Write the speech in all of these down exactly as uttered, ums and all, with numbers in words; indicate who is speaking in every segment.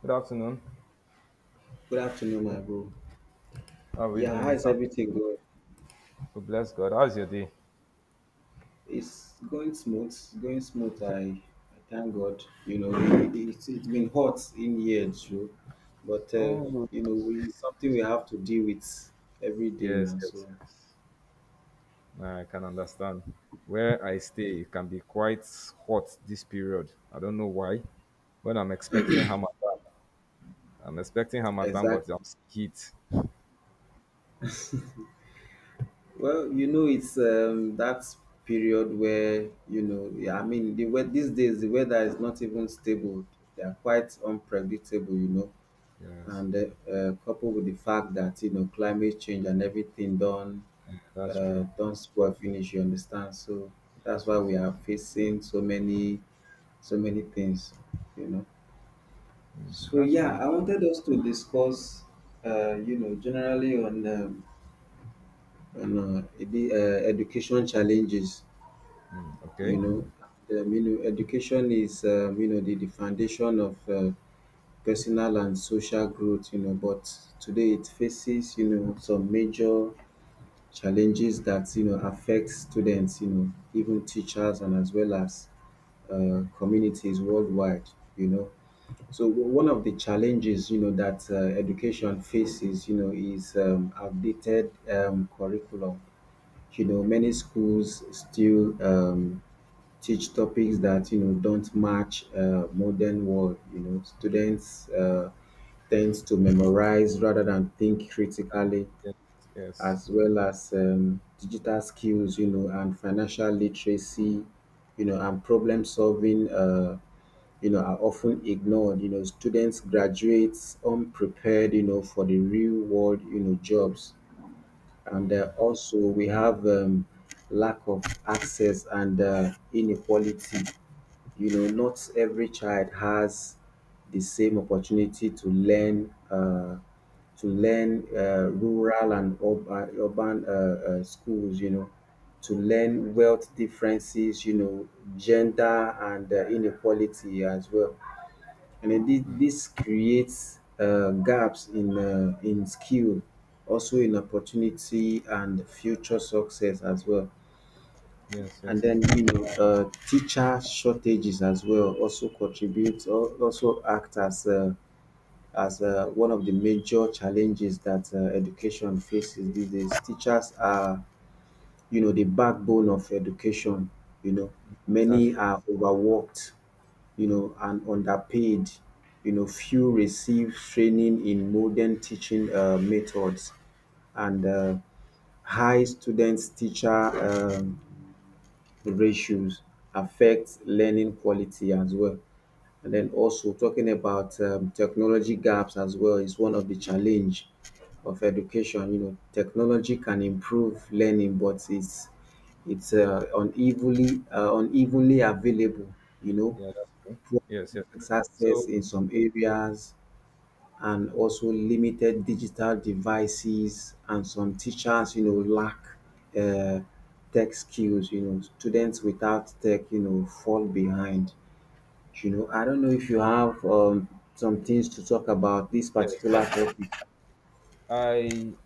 Speaker 1: Good afternoon.
Speaker 2: Good afternoon, my bro.
Speaker 1: How are we
Speaker 2: Yeah, how
Speaker 1: doing
Speaker 2: is
Speaker 1: this afternoon?
Speaker 2: everything going?
Speaker 1: Oh, bless God. How's your day?
Speaker 2: It's going smooth. It's going smooth. I, I thank God. You know, it, it's it's been hot in here, too, but uh,
Speaker 1: Oh,
Speaker 2: you know, we, it's something we have to deal with every day
Speaker 1: yes,
Speaker 2: now.
Speaker 1: yes,
Speaker 2: So,
Speaker 1: yes. Nah, I can understand. Where I
Speaker 2: yeah,
Speaker 1: stay, it can be quite hot this period. I don't know why. When I'm expecting Hamatan, I'm expecting Hamatan,
Speaker 2: exactly.
Speaker 1: but I'm seeing heat.
Speaker 2: Well, you know, it's um, that period where you know, yeah, I mean, the wea- these days the weather is not even stable. They are quite unpredictable. You know,
Speaker 1: Yes,
Speaker 2: and uh, uh, coupled with the fact that you know climate change and everything done
Speaker 1: yeah, that's
Speaker 2: uh,
Speaker 1: true.
Speaker 2: don't spoil finish. You understand? So that's
Speaker 1: Yes,
Speaker 2: why
Speaker 1: yes,
Speaker 2: we
Speaker 1: yes.
Speaker 2: are facing so many so many things. You know. So
Speaker 1: That's
Speaker 2: yeah,
Speaker 1: true.
Speaker 2: I wanted us to discuss, uh, you know, generally on um, on uh, the uh, education challenges.
Speaker 1: Mm,
Speaker 2: You
Speaker 1: okay.
Speaker 2: know, um, you know, education is um, you know the, the foundation of uh, personal and social growth, you know, but today it faces, you know, some major challenges that, you know, affect students, you know, even teachers and as well as uh, communities worldwide, you know. So w- one of the challenges, you know, that uh, education faces, you know, is um, outdated um, curriculum. You know, many schools still um, teach topics that you know don't match uh, modern world. You know, students uh, tends to memorize rather than think
Speaker 1: And
Speaker 2: critically,
Speaker 1: yes, yes.
Speaker 2: as well as um, digital skills. You know, and financial literacy. You know, and problem solving. Uh, you know, are often ignored. You know, students graduates unprepared. You know, for the real world. You know, jobs and uh,
Speaker 1: Mm,
Speaker 2: also we have um, lack of access and uh, inequality you know, not every child has the same opportunity to learn uh, to learn uh, rural and urban, urban uh, uh, schools, you know, to learn wealth differences, you know, gender and uh, inequality as well. And then this,
Speaker 1: mm,
Speaker 2: this creates uh, gaps in, uh, in skill, also in opportunity and future success as well.
Speaker 1: yes,
Speaker 2: And
Speaker 1: yes, yes.
Speaker 2: then, you know, uh, teacher shortages as well also contribute or also act as uh, as uh, one of the major challenges that uh, education faces these days. Teachers are, you know, the backbone of education. You know,
Speaker 1: That's
Speaker 2: many
Speaker 1: true.
Speaker 2: are overworked, you know, and underpaid. You know, few receive training in modern teaching uh, methods and uh, high students teacher um, the ratios affect learning quality as well. And then also talking about um, technology gaps as well is one of the challenge of education. You know, technology can improve learning, but it's it's uh, unevenly uh, unevenly available. You know,
Speaker 1: Yeah, that's true. Yes, yes.
Speaker 2: it's access
Speaker 1: So,
Speaker 2: in some areas and also limited digital devices and some teachers you know lack uh, tech skills. You know, students without tech you know fall behind. You know, I don't know if you have um, some things to talk about this
Speaker 1: yes,
Speaker 2: particular
Speaker 1: yes, yes.
Speaker 2: topic.
Speaker 1: I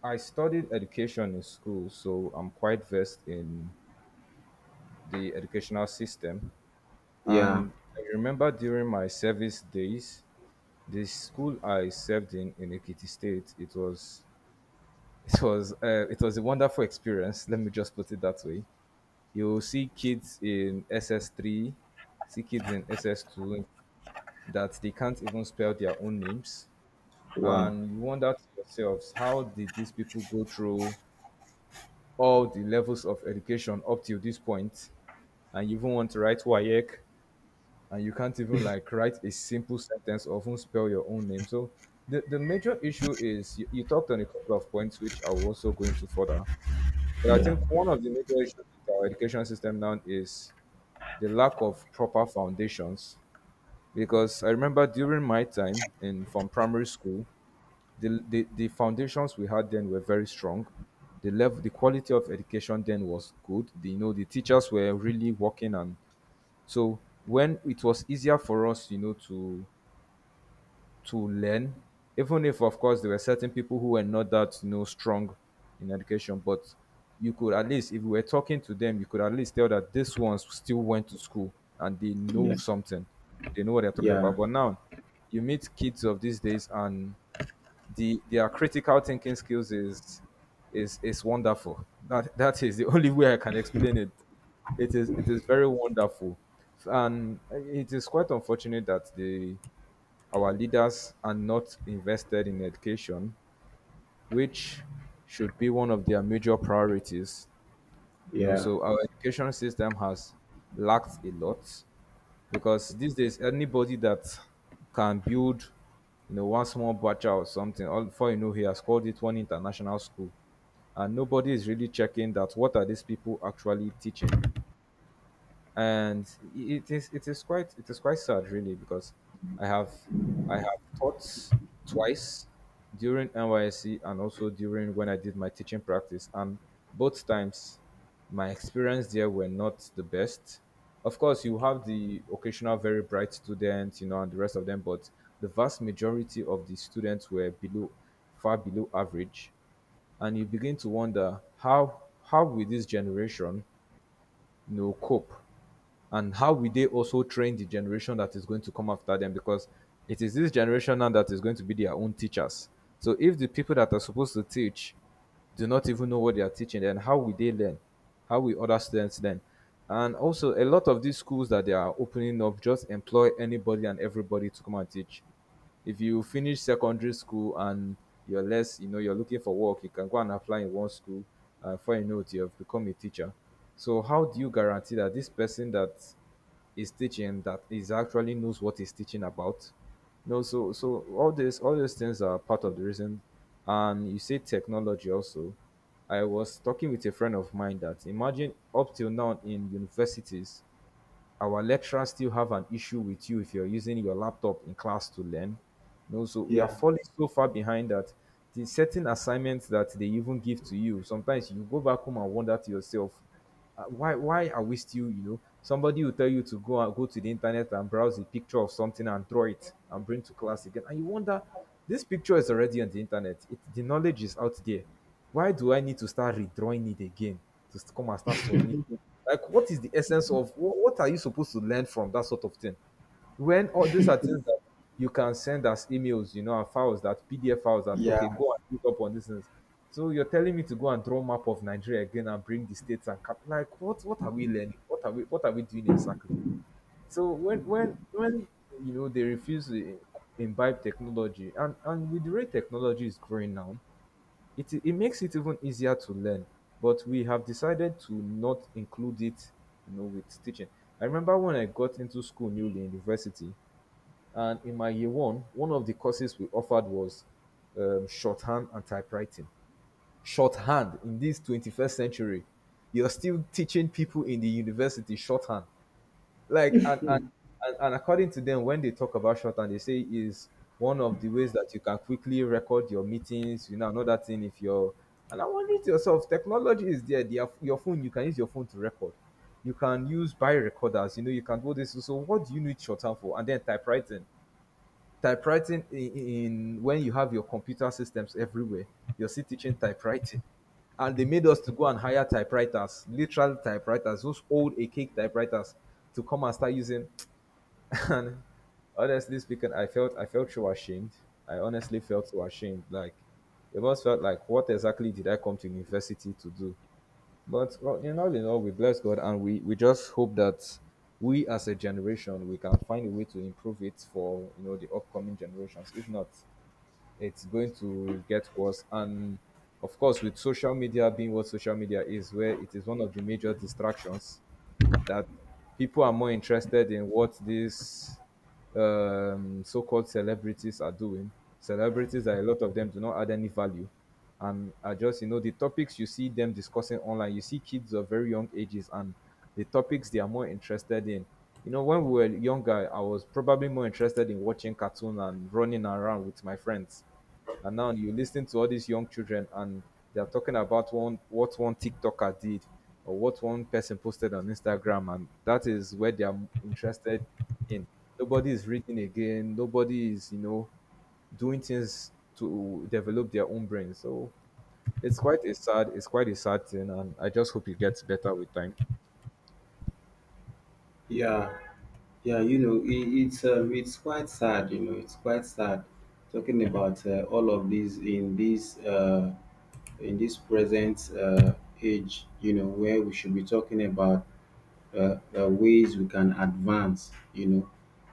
Speaker 1: I studied education in school, so I'm quite versed in the educational system.
Speaker 2: Yeah.
Speaker 1: And I remember during my service days, the school I served in in Ekiti State, it was it was uh, it was a wonderful experience. Let me just put it that way. You'll see kids in S S three, see kids in S S two that they can't even spell their own names.
Speaker 2: Wow.
Speaker 1: And you wonder to yourselves, how did these people go through all the levels of education up till this point, and you even want to write WAEC, and you can't even like write a simple sentence or even spell your own name. So the, the major issue is you, you talked on a couple of points which I will also go into further. But I
Speaker 2: Yeah,
Speaker 1: think one of the major issues with our education system now is the lack of proper foundations. Because I remember during my time in from primary school, the, the, the foundations we had then were very strong. The level, the quality of education then was good. The, you know, the teachers were really working, and so when it was easier for us, you know, to to learn, even if of course there were certain people who were not that you know strong in education, but you could at least, if we were talking to them, you could at least tell that these ones still went to school and they know
Speaker 2: yeah,
Speaker 1: something. They know what they're talking
Speaker 2: yeah,
Speaker 1: about. But now, you meet kids of these days and the their critical thinking skills is is is wonderful. That that is the only way I can explain it. It is it is very wonderful, and it is quite unfortunate that the our leaders are not invested in education, which should be one of their major priorities. You know,
Speaker 2: yeah,
Speaker 1: so our education system has lacked a lot because these days anybody that can build you know one small batch or something all before you know he has called it one international school and nobody is really checking that what are these people actually teaching and it is it is quite it is quite sad really because I have I have taught twice during N Y S C and also during when I did my teaching practice and both times my experience there were not the best. Of course, you have the occasional very bright students, you know, and the rest of them, but the vast majority of the students were below, far below average. And you begin to wonder how how will this generation, you know, cope and how will they also train the generation that is going to come after them, because it is this generation now that is going to be their own teachers. So if the people that are supposed to teach do not even know what they are teaching, then how will they learn, how will other students learn? And also a lot of these schools that they are opening up just employ anybody and everybody to come and teach. If you finish secondary school and you're less, you know, you're looking for work, you can go and apply in one school. Uh, before you know it, you have become a teacher. So how do you guarantee that this person that is teaching that is actually knows what he's teaching about? No, so so all this all these things are part of the reason. And you say technology also. I was talking with a friend of mine that imagine up till now in universities, our lecturers still have an issue with you if you're using your laptop in class to learn. You know, so we are
Speaker 2: yeah,
Speaker 1: falling so far behind that the certain assignments that they even give to you, sometimes you go back home and wonder to yourself, uh, why why are we still, you know, somebody will tell you to go and go to the internet and browse a picture of something and draw it and bring to class again. And you wonder, this picture is already on the internet. It, the knowledge is out there. Why do I need to start redrawing it again to st- come and start submitting? Like, what is the essence of what, what are you supposed to learn from that sort of thing? When all these are things that you can send as emails, you know, and files that P D F files that okay, go and look up on these things. So you're telling me to go and draw map of Nigeria again and bring the states and cap- like what what are we learning? What are we what are we doing exactly? So when when when you know they refuse to imbibe technology and and with the way technology is growing now, it, it makes it even easier to learn, but we have decided to not include it, you know, with teaching. I remember when I got into school newly in university, and in my year one, one of the courses we offered was um, shorthand and typewriting. Shorthand in this twenty-first century, you're still teaching people in the university shorthand, like and, and and and according to them, when they talk about shorthand, they say is one of the ways that you can quickly record your meetings, you know. Another thing, if you're, and I'm wondering to yourself, technology is there, they have your phone, you can use your phone to record, you can use bio recorders, you know, you can do this. So what do you need shorthand for? And then typewriting typewriting in, in when you have your computer systems everywhere, you're still teaching typewriting. And they made us to go and hire typewriters, literal typewriters, those old archaic typewriters, to come and start using. And honestly speaking, I felt I felt so ashamed. I honestly felt so ashamed. Like it almost felt like what exactly did I come to university to do? But well, in all in all, we bless God, and we, we just hope that we as a generation we can find a way to improve it for you know the upcoming generations. If not, it's going to get worse. And of course, with social media being what social media is, where it is one of the major distractions, that people are more interested in what these um, so-called celebrities are doing. Celebrities, that a lot of them do not add any value, and are just you know the topics you see them discussing online. You see kids of very young ages, and the topics they are more interested in. You know, when we were younger, I was probably more interested in watching cartoon and running around with my friends. And now you listen to all these young children and they're talking about one what one TikToker did or what one person posted on Instagram, and that is where they are interested in. Nobody is reading again, nobody is, you know, doing things to develop their own brain. So it's quite a sad it's quite a sad thing, and I just hope it gets better with time.
Speaker 2: yeah, yeah, you know, it, it's um, it's quite sad, you know, it's quite sad talking about uh, all of these in this uh in this present uh, age, you know, where we should be talking about uh, uh, ways we can advance, you know.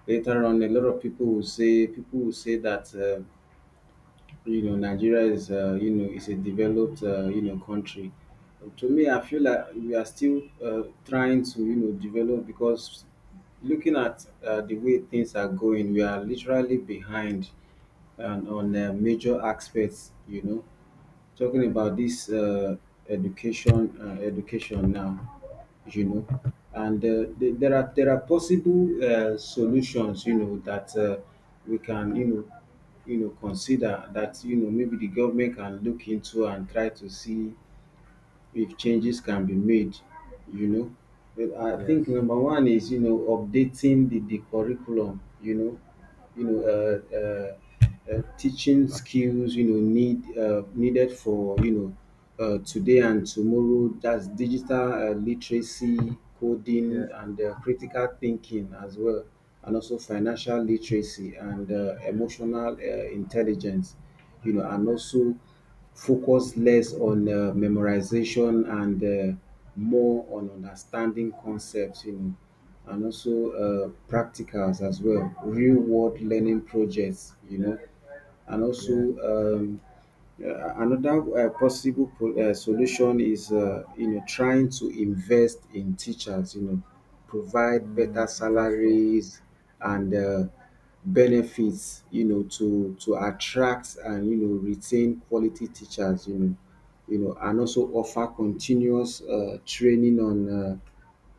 Speaker 2: Later on, a lot of people will say people will say that uh, you know Nigeria is uh, you know is a developed uh, you know country. To me, I feel like we are still uh, trying to you know develop because looking at uh, the way things are going, we are literally behind and on
Speaker 1: Mm.
Speaker 2: uh, major aspects, you know, talking about this uh, education uh, education now, you know, and uh, the- there are there are possible uh, solutions you know that uh, we can you know you know consider that you know maybe the government can look into and try to see if changes can be made, you know. But I
Speaker 1: Yes.
Speaker 2: think number one is you know updating the, the curriculum, you know, you know, uh, uh, uh, teaching skills, you know, need uh, needed for you know uh, today and tomorrow. That's digital uh, literacy,
Speaker 1: Yeah,
Speaker 2: coding, and uh, critical thinking as well, and also financial literacy and uh, emotional uh, intelligence, you know, and also focus less on uh, memorization and uh, more on understanding concepts, you know, and also uh, practicals as well, real world learning projects, you know, and
Speaker 1: yeah.
Speaker 2: also um, uh, another uh, possible po- uh, solution is uh, you know trying to invest in teachers, you know, provide better
Speaker 1: Mm, that's true.
Speaker 2: salaries and uh, benefits you know to to attract and you know retain quality teachers, you know, you know, and also offer continuous uh, training on uh,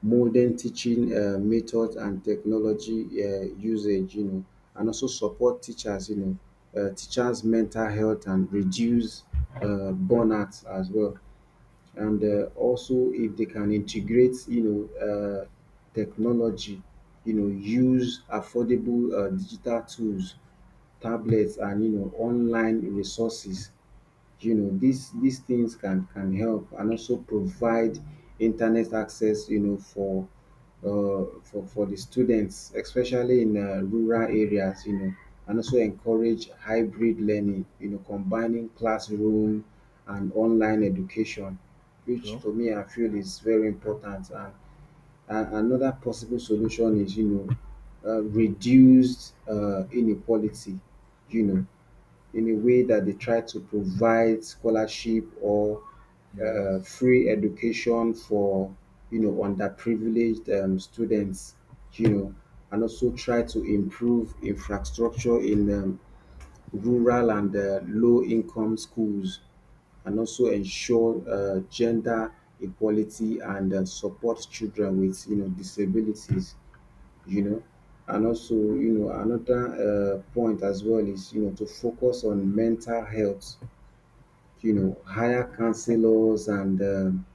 Speaker 2: modern teaching um method and technology um usage, you know, and also support teachers, you know, uh, teachers' mental health and reduce uh, burnout as well. And uh, also, if they can integrate, you know, uh, technology, you know, use affordable uh, digital tools, tablets, and you know, online resources. You know, these these things can can help and also provide internet access you know for uh, for for the students especially in uh, rural areas, you know, and also encourage hybrid learning, you know, combining classroom and online education, which
Speaker 1: True.
Speaker 2: for me I feel is very important. and, and another possible solution is you know uh, reduced uh, inequality, you know, in a way that they try to provide scholarship or
Speaker 1: Yes.
Speaker 2: uh, free education for you know underprivileged um, students, you know, and also try to improve infrastructure in um, rural and uh, low income schools and also ensure uh, gender equality and uh, support children with you know disabilities, you know. And also, you know, another uh, point as well is, you know, to focus on mental health, you know, hire counselors and um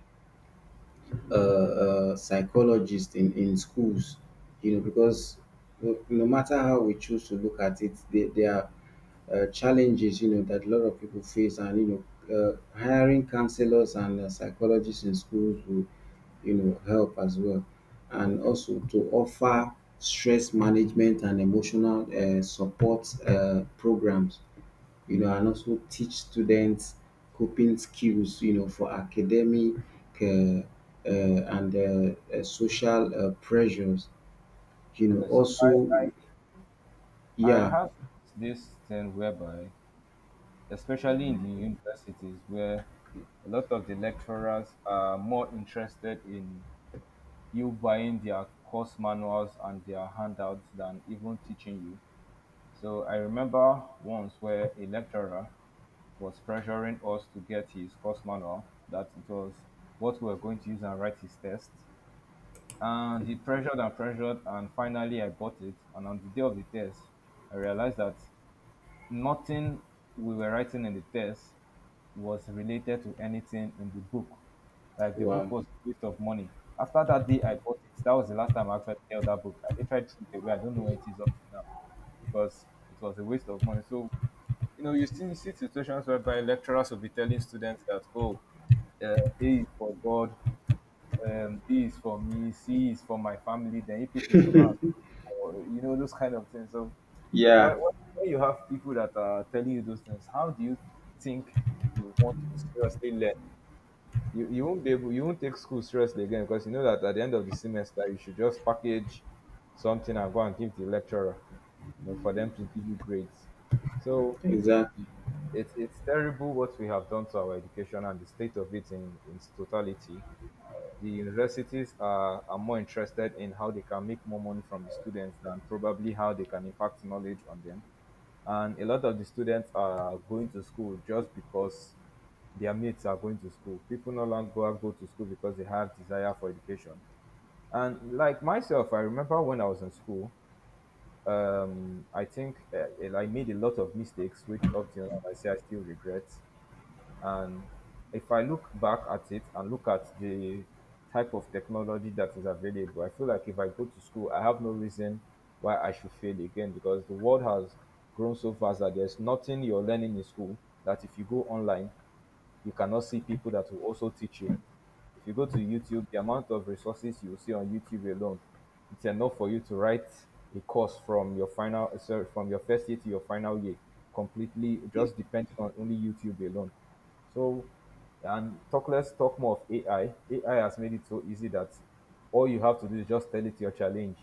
Speaker 2: uh, uh, psychologists in, in schools, you know, because no, no matter how we choose to look at it, they, they are uh, challenges you know that a lot of people face and you know uh, hiring counselors and uh, psychologists in schools will you know help as well
Speaker 1: Yeah,
Speaker 2: and
Speaker 1: true.
Speaker 2: also to offer stress management and emotional uh, support uh, programs, you know, and also teach students coping skills you know for academic uh, uh, and uh, uh, social uh, pressures, you know,
Speaker 1: Okay, so
Speaker 2: also
Speaker 1: I, I I
Speaker 2: yeah.
Speaker 1: have this thing whereby, especially in the universities, where a lot of the lecturers are more interested in you buying their course manuals and their handouts than even teaching you. So I remember once where a lecturer was pressuring us to get his course manual, that it was what we were going to use and write his test. And he pressured and pressured, and finally I bought it. And on the day of the test, I realized that nothing we were writing in the test was related to anything in the book. Like the
Speaker 2: Wow.
Speaker 1: book was a waste of money. After that day, I bought it, that was the last time I actually held that book. I literally threw it away. I don't know where it is up to now, because it was a waste of money. So, you know, you still see situations whereby lecturers will be telling students that, oh, uh, A is for God, um, E is for me, C is for my family. Then if people should go and or, you know those kind of things. So when,
Speaker 2: Yeah,
Speaker 1: when when you have people that are telling you those things, how do you think you want to seriously learn? You, you won't be able you won't take school seriously again because you know that at the end of the semester you should just package something and go and give the lecturer, you know, for them to give you grades. So
Speaker 2: exactly.
Speaker 1: it's it's terrible what we have done to our education and the state of it in, in its totality. The universities are, are more interested in how they can make more money from the students than probably how they can impact knowledge on them. And a lot of the students are going to school just because their mates are going to school. People no longer go to school because they have desire for education. And like myself, I remember when I was in school, um, I think uh, I made a lot of mistakes, which up till now I say I still regret. And if I look back at it and look at the type of technology that is available, I feel like if I go to school, I have no reason why I should fail again because the world has grown so fast that there's nothing you're learning in school that if you go online, you cannot see people that will also teach you. If you go to YouTube, the amount of resources you will see on YouTube alone, it's enough for you to write a course from your final sorry, from your first year to your final year, completely just depending on only YouTube alone. So and talk let's talk more of A I. A I has made it so easy that all you have to do is just tell it your challenge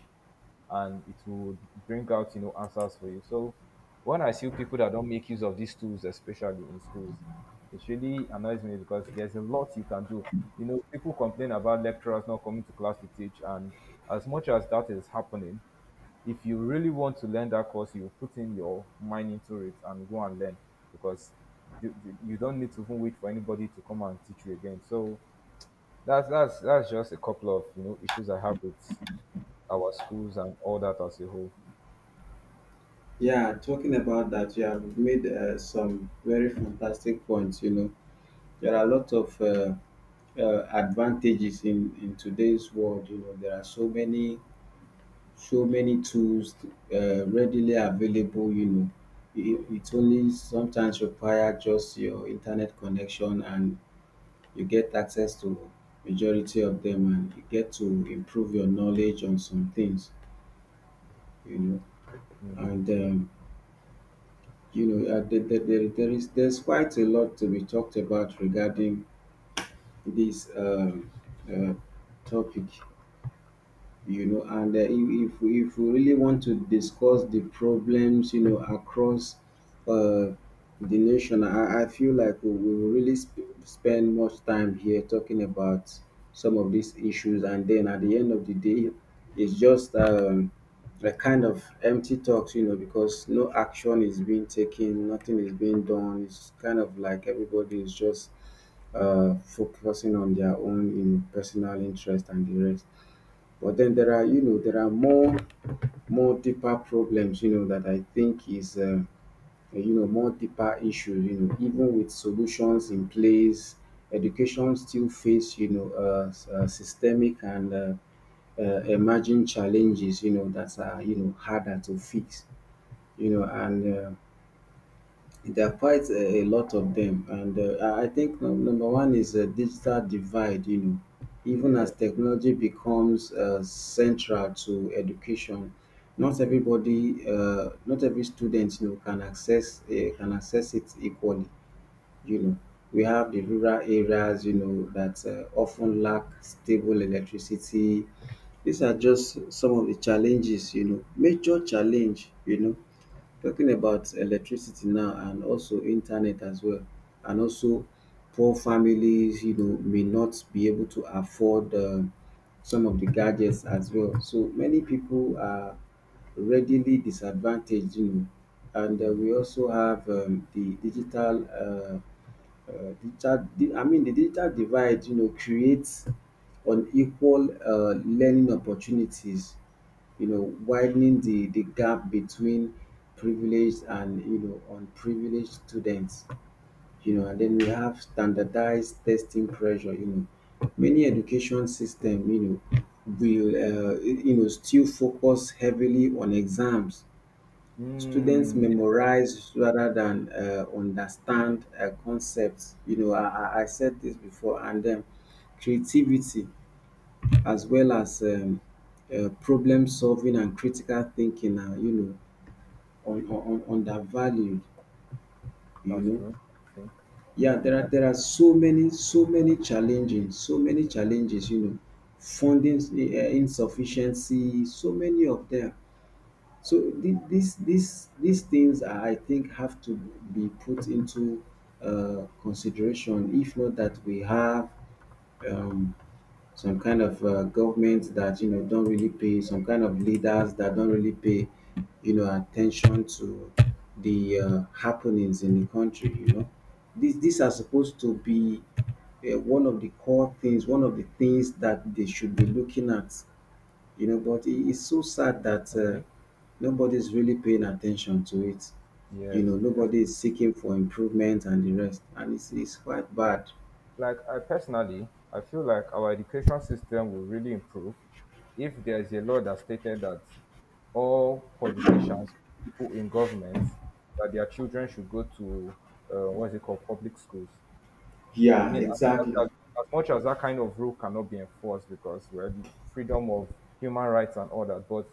Speaker 1: and it will bring out you know answers for you. So when I see people that don't make use of these tools, especially in schools, it really annoys me because there's a lot you can do. You know, people complain about lecturers not coming to class to teach, and as much as that is happening, if you really want to learn that course, you put in your mind into it and go and learn because you, you don't need to even wait for anybody to come and teach you again. So that's that's that's just a couple of you know issues I have with our schools and all that as a whole.
Speaker 2: Yeah, talking about that, you have made uh, some very fantastic points. You know, there are a lot of uh, uh, advantages in, in today's world. You know, there are so many, so many tools uh, readily available. You know, it, it only sometimes require just your internet connection, and you get access to majority of them, and you get to improve your knowledge on some things. You know,
Speaker 1: Mm,
Speaker 2: and um, you know, uh, there, there, there there is there's quite a lot to be talked about regarding this um, uh, topic, you know, and uh, if, if we if we really want to discuss the problems you know across uh, the nation, I, I feel like we we will really sp- spend much time here talking about some of these issues and then at the end of the
Speaker 1: yeah,
Speaker 2: day it's just um, a kind of empty talks you know because no action is being taken, nothing is being done. It's kind of like everybody is just uh, focusing on their own, you know, personal interest and the rest, but then there are, you know, there are more more deeper problems, you know, that I think is, uh, you know, more deeper issues, you know, even with solutions in place, education still face, you know, uh, s- uh, systemic and uh, uh, emerging challenges, you know, that are, you know, harder to fix, you know, and uh, there are quite a, a lot of them, and uh, I I think num- number one is a digital divide. You know, even
Speaker 1: yeah.
Speaker 2: as technology becomes uh, central to education, not everybody, uh, not every student, you know, can access uh, can access it equally. You know, we have the rural areas, you know, that uh, often lack stable electricity. These are just some of the challenges. You know, major challenge. You know talking about electricity now and also internet as well, and also poor families, you know, may not be able to afford uh, some of the gadgets as well. So many people are readily disadvantaged, you know, and uh, we also have um, the digital. Uh, uh, digital, di- I mean, the digital divide, you know, creates unequal uh, learning opportunities, you know, widening the, the gap between privileged and, you know, unprivileged students, you know, and then we have standardized testing pressure, you know. Many education system, you know, will, uh, you know, still focus heavily on exams. Students
Speaker 1: Mm,
Speaker 2: memorize rather than uh, understand uh, concepts. You know, I, I I said this before, and then creativity as well as um, uh, problem solving and critical thinking are you know on, on, on undervalued. You
Speaker 1: that's
Speaker 2: know,
Speaker 1: true. That's true.
Speaker 2: yeah, there are there are so many so many challenges, so many challenges. You know, funding uh, insufficiency, so many of them. So the, these these these things, are, I think, have to be put into uh, consideration. If not that we have um, some kind of uh, government that you know don't really pay, some kind of leaders that don't really pay, you know, attention to the uh, happenings in the country. You know, these these are supposed to be uh, one of the core things, one of the things that they should be looking at, you know, but it- it's so sad that uh,
Speaker 1: Okay.
Speaker 2: nobody's really paying attention to it. You
Speaker 1: Yes,
Speaker 2: know,
Speaker 1: yes.
Speaker 2: nobody is seeking for improvement and the rest, and it's, it's quite bad.
Speaker 1: Like I personally, I feel like our education system will really improve if there is a law that stated that all politicians, people in government, that their children should go to uh, what is it called, public schools. I
Speaker 2: Yeah,
Speaker 1: mean, as much
Speaker 2: exactly.
Speaker 1: as, as much as that kind of rule cannot be enforced because we're the freedom of human rights and all that, but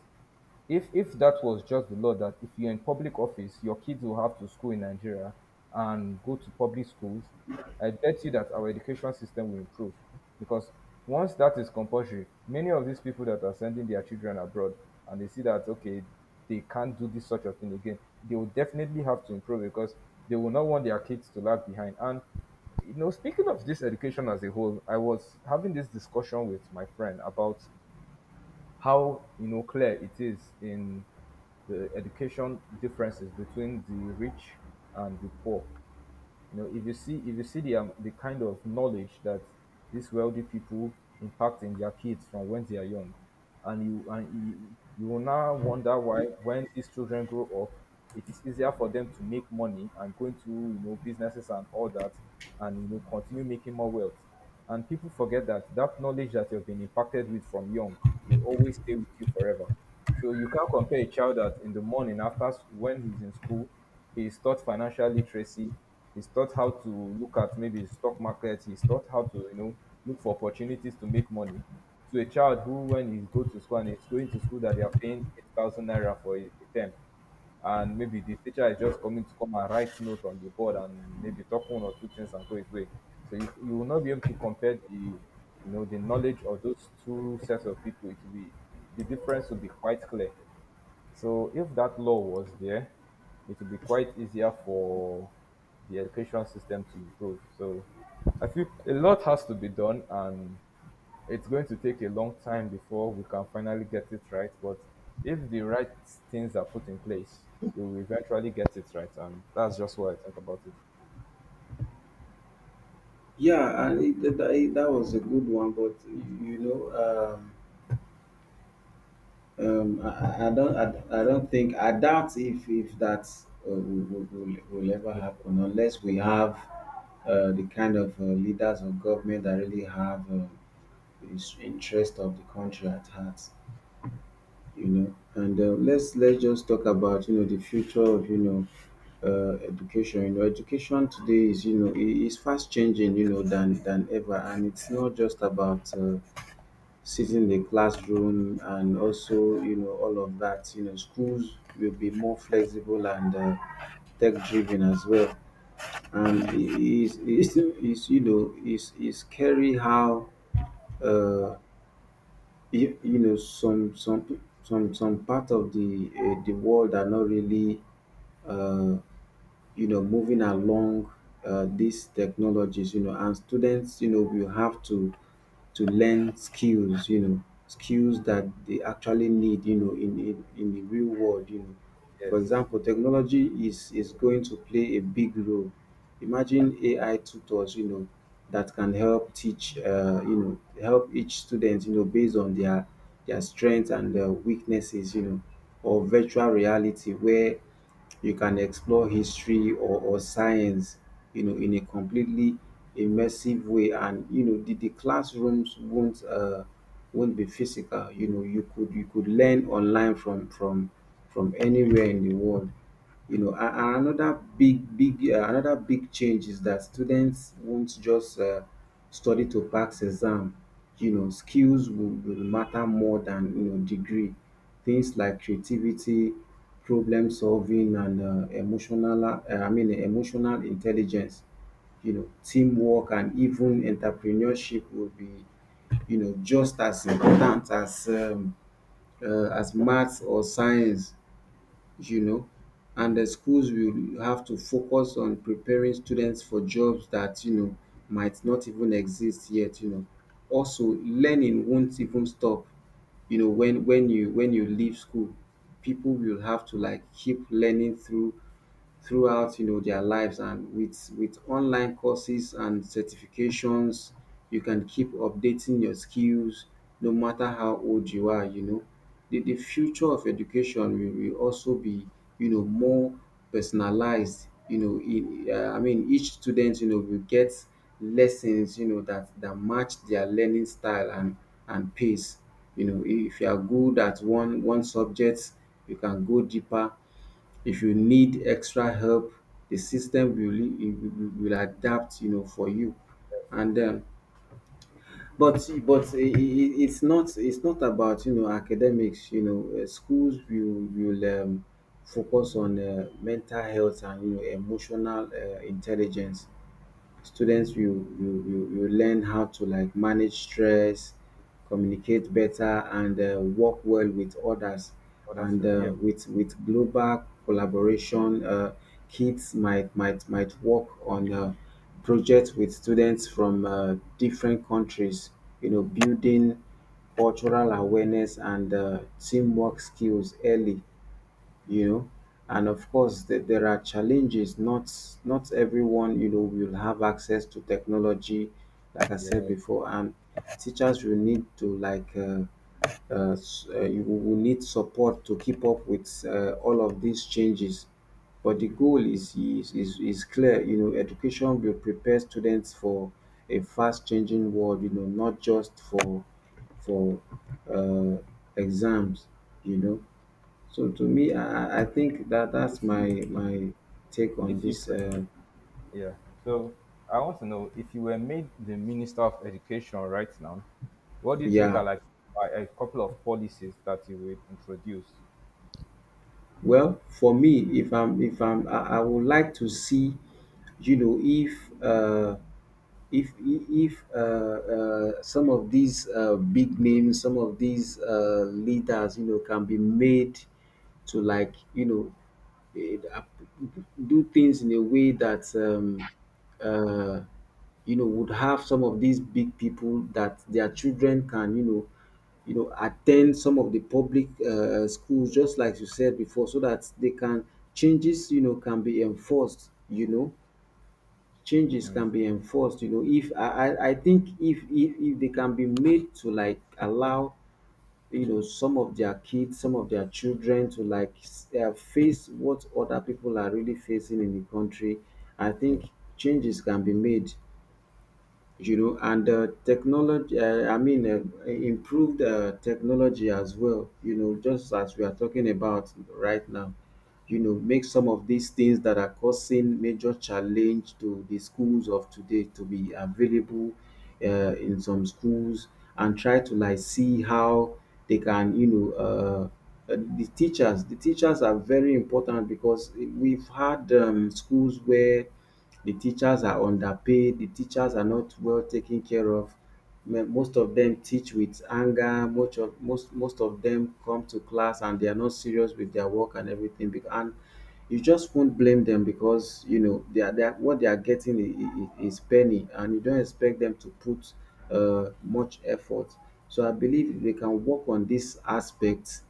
Speaker 1: if if that was just the law that if you're in public office, your kids will have to school in Nigeria and go to public schools, I bet you that our education system will improve. Because once that is compulsory, many of these people that are sending their children abroad and they see that okay, they can't do this sort of thing again, they will definitely have to improve because they will not want their kids to lag behind. And you know, speaking of this education as a whole, I was having this discussion with my friend about how you know clear it is in the education differences between the rich and the poor. You know, if you see if you see the um, the kind of knowledge that these wealthy people impact in their kids from when they are young, and you and you, you will now wonder why when these children grow up, it is easier for them to make money and go into you know businesses and all that, and you know continue making more wealth. And people forget that that knowledge that you've been impacted with from young will always stay with you forever. So you can't compare a child that in the morning after s- when he's in school, he's taught financial literacy, he's taught how to look at maybe stock market, he's taught how to you know look for opportunities to make money. To a child who, when he goes to school and he's going to school, that they are paying eight thousand naira for a, a term, and maybe the teacher is just coming to come and write note on the board and maybe talk one or two things and go his way. So you, you will not be able to compare the you know the knowledge of those two sets of people. It will be the difference will be quite clear. So if that law was there, it would be quite easier for the education system to improve. So I feel a lot has to be done and it's going to take a long time before we can finally get it right. But if the right things are put in place, we will eventually get it right. And that's just what I think about it.
Speaker 2: Yeah, and it, that, that that was a good one, but you know, um, um, I, I I don't, I, I don't think, I doubt if if that uh, will, will, will will ever
Speaker 1: Yeah.
Speaker 2: happen unless we have uh, the kind of uh, leaders of government that really have uh, the interest of the country at heart. you know and uh, let's let's just talk about you know the future of, you know uh, education. you know education today is, you know i- is fast changing, you know than than ever, and it's not just about uh, sitting in the classroom and also you know all of that. you know schools will be more flexible and uh, tech driven as well, and it is it's, it's, you know it's, it's scary how uh, you, you know some some some some part of the uh, the world are not really, uh, you know, moving along uh, these technologies, you know, and students, you know, will have to to learn skills, you know, skills that they actually need, you know, in, in, in the real world, you know. For
Speaker 1: Yes.
Speaker 2: example, technology is, is going to play a big role. Imagine A I tutors, you know, that can help teach, uh, you know, help each student, you know, based on their their strengths and their weaknesses, you know, or virtual reality where you can explore history or, or science, you know, in a completely immersive way. And you know the, the classrooms won't uh won't be physical. You know, you could, you could learn online from from from anywhere in the world, you know. And, and another big big uh, another big change is that students won't just uh, study to pass exam. You know, skills will, will matter more than, you know, degree. Things like creativity, problem solving and uh, emotional uh, i mean emotional intelligence, you know, teamwork and even entrepreneurship will be, you know, just as important as um, uh, as maths or science, you know, and the schools will have to focus on preparing students for jobs that, you know, might not even exist yet, you know. Also, learning won't even stop, you know, when when you when you leave school. People will have to like keep learning through throughout, you know, their lives, and with with online courses and certifications, you can keep updating your skills no matter how old you are. You know, the, the future of education will, will also be, you know, more personalized. You know in, uh, I mean each student, you know, will get lessons, you know, that that match their learning style and and pace. You know, if you are good at one one subject, you can go deeper. If you need extra help, the system will will will adapt, you know, for you. And um, but but it, it, it's not, it's not about, you know, academics. You know, uh, schools will will um, focus on uh, mental health and, you know, emotional uh, intelligence. Students will will will will learn how to like manage stress, communicate better, and uh, work well with others.
Speaker 1: Oh, that's
Speaker 2: And
Speaker 1: right. Yeah.
Speaker 2: uh, with with global collaboration, uh, kids might might might work on uh, projects with students from uh, different countries. You know, building cultural awareness and uh, teamwork skills early, you know. And of course, there, there are challenges. not not everyone, you know, will have access to technology, like I said
Speaker 1: Yeah.
Speaker 2: before, and teachers will need to like uh, uh, s- uh, you will need support to keep up with uh, all of these changes. But the goal is, is is is clear, you know. Education will prepare students for a fast changing world, you know, not just for for uh, exams, you know. So to me, I, I I think that that's
Speaker 1: If
Speaker 2: my
Speaker 1: you,
Speaker 2: my take on
Speaker 1: if you,
Speaker 2: this. Uh,
Speaker 1: yeah. So I want to know if you were made the Minister of Education right now, what do you think
Speaker 2: yeah.
Speaker 1: are like a a couple of policies that you would introduce?
Speaker 2: Well, for me, if I'm if I'm, I, I would like to see, you know, if uh, if if uh, uh, some of these uh, big names, some of these uh, leaders, you know, can be made to like, you know, eh, ap- do things in a way that um, uh, you know would have some of these big people that their children can, you know, you know attend some of the public uh, schools, just like you said before, so that they can changes, you know, can be enforced. You know, changes can be enforced, you know, if I, I, I think if, if if they can be made to like allow, you know, some of their kids, some of their children to like s- uh, face what other people are really facing in the country, I think
Speaker 1: True.
Speaker 2: changes can be made, you know. And uh, technology, uh, I mean, uh, improved uh, technology as well, you know, just as we are talking about right now, you know, make some of these things that are causing major challenge to the schools of today to be available uh, in some schools, and try to like see how they can, you know, uh, uh, the teachers, the teachers are very important, because we've had um, schools where the teachers are underpaid, the teachers are not well taken care of. Me- Most of them teach with anger, most of, most, most of them come to class and they are not serious with their work and everything. bec- And you just won't blame them, because you know they are, they are what they are getting i- i- i- is penny, and you don't expect them to put uh, much effort. So I believe if they can work on this aspect,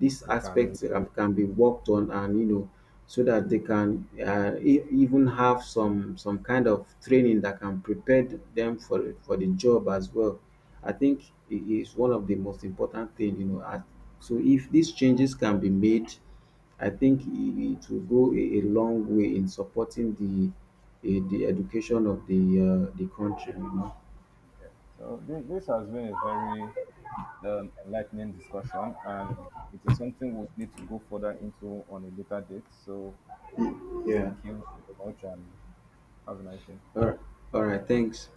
Speaker 2: this
Speaker 1: We can
Speaker 2: aspect uh,
Speaker 1: improve.
Speaker 2: can be worked on, and you know, so that they can uh, e- even have some some kind of training that can prepare them for for the job as well. I think it is one of the most important thing, you know, at, so if these changes can be made, I think i- it will go a, a long way in supporting the eh, the education of the uh, the country, you know.
Speaker 1: So this, this has been a very um, enlightening discussion, and it is something we'll need to go further into on a later date. So, thank
Speaker 2: Yeah,
Speaker 1: you so much, and have a nice day.
Speaker 2: all right. All right, thanks.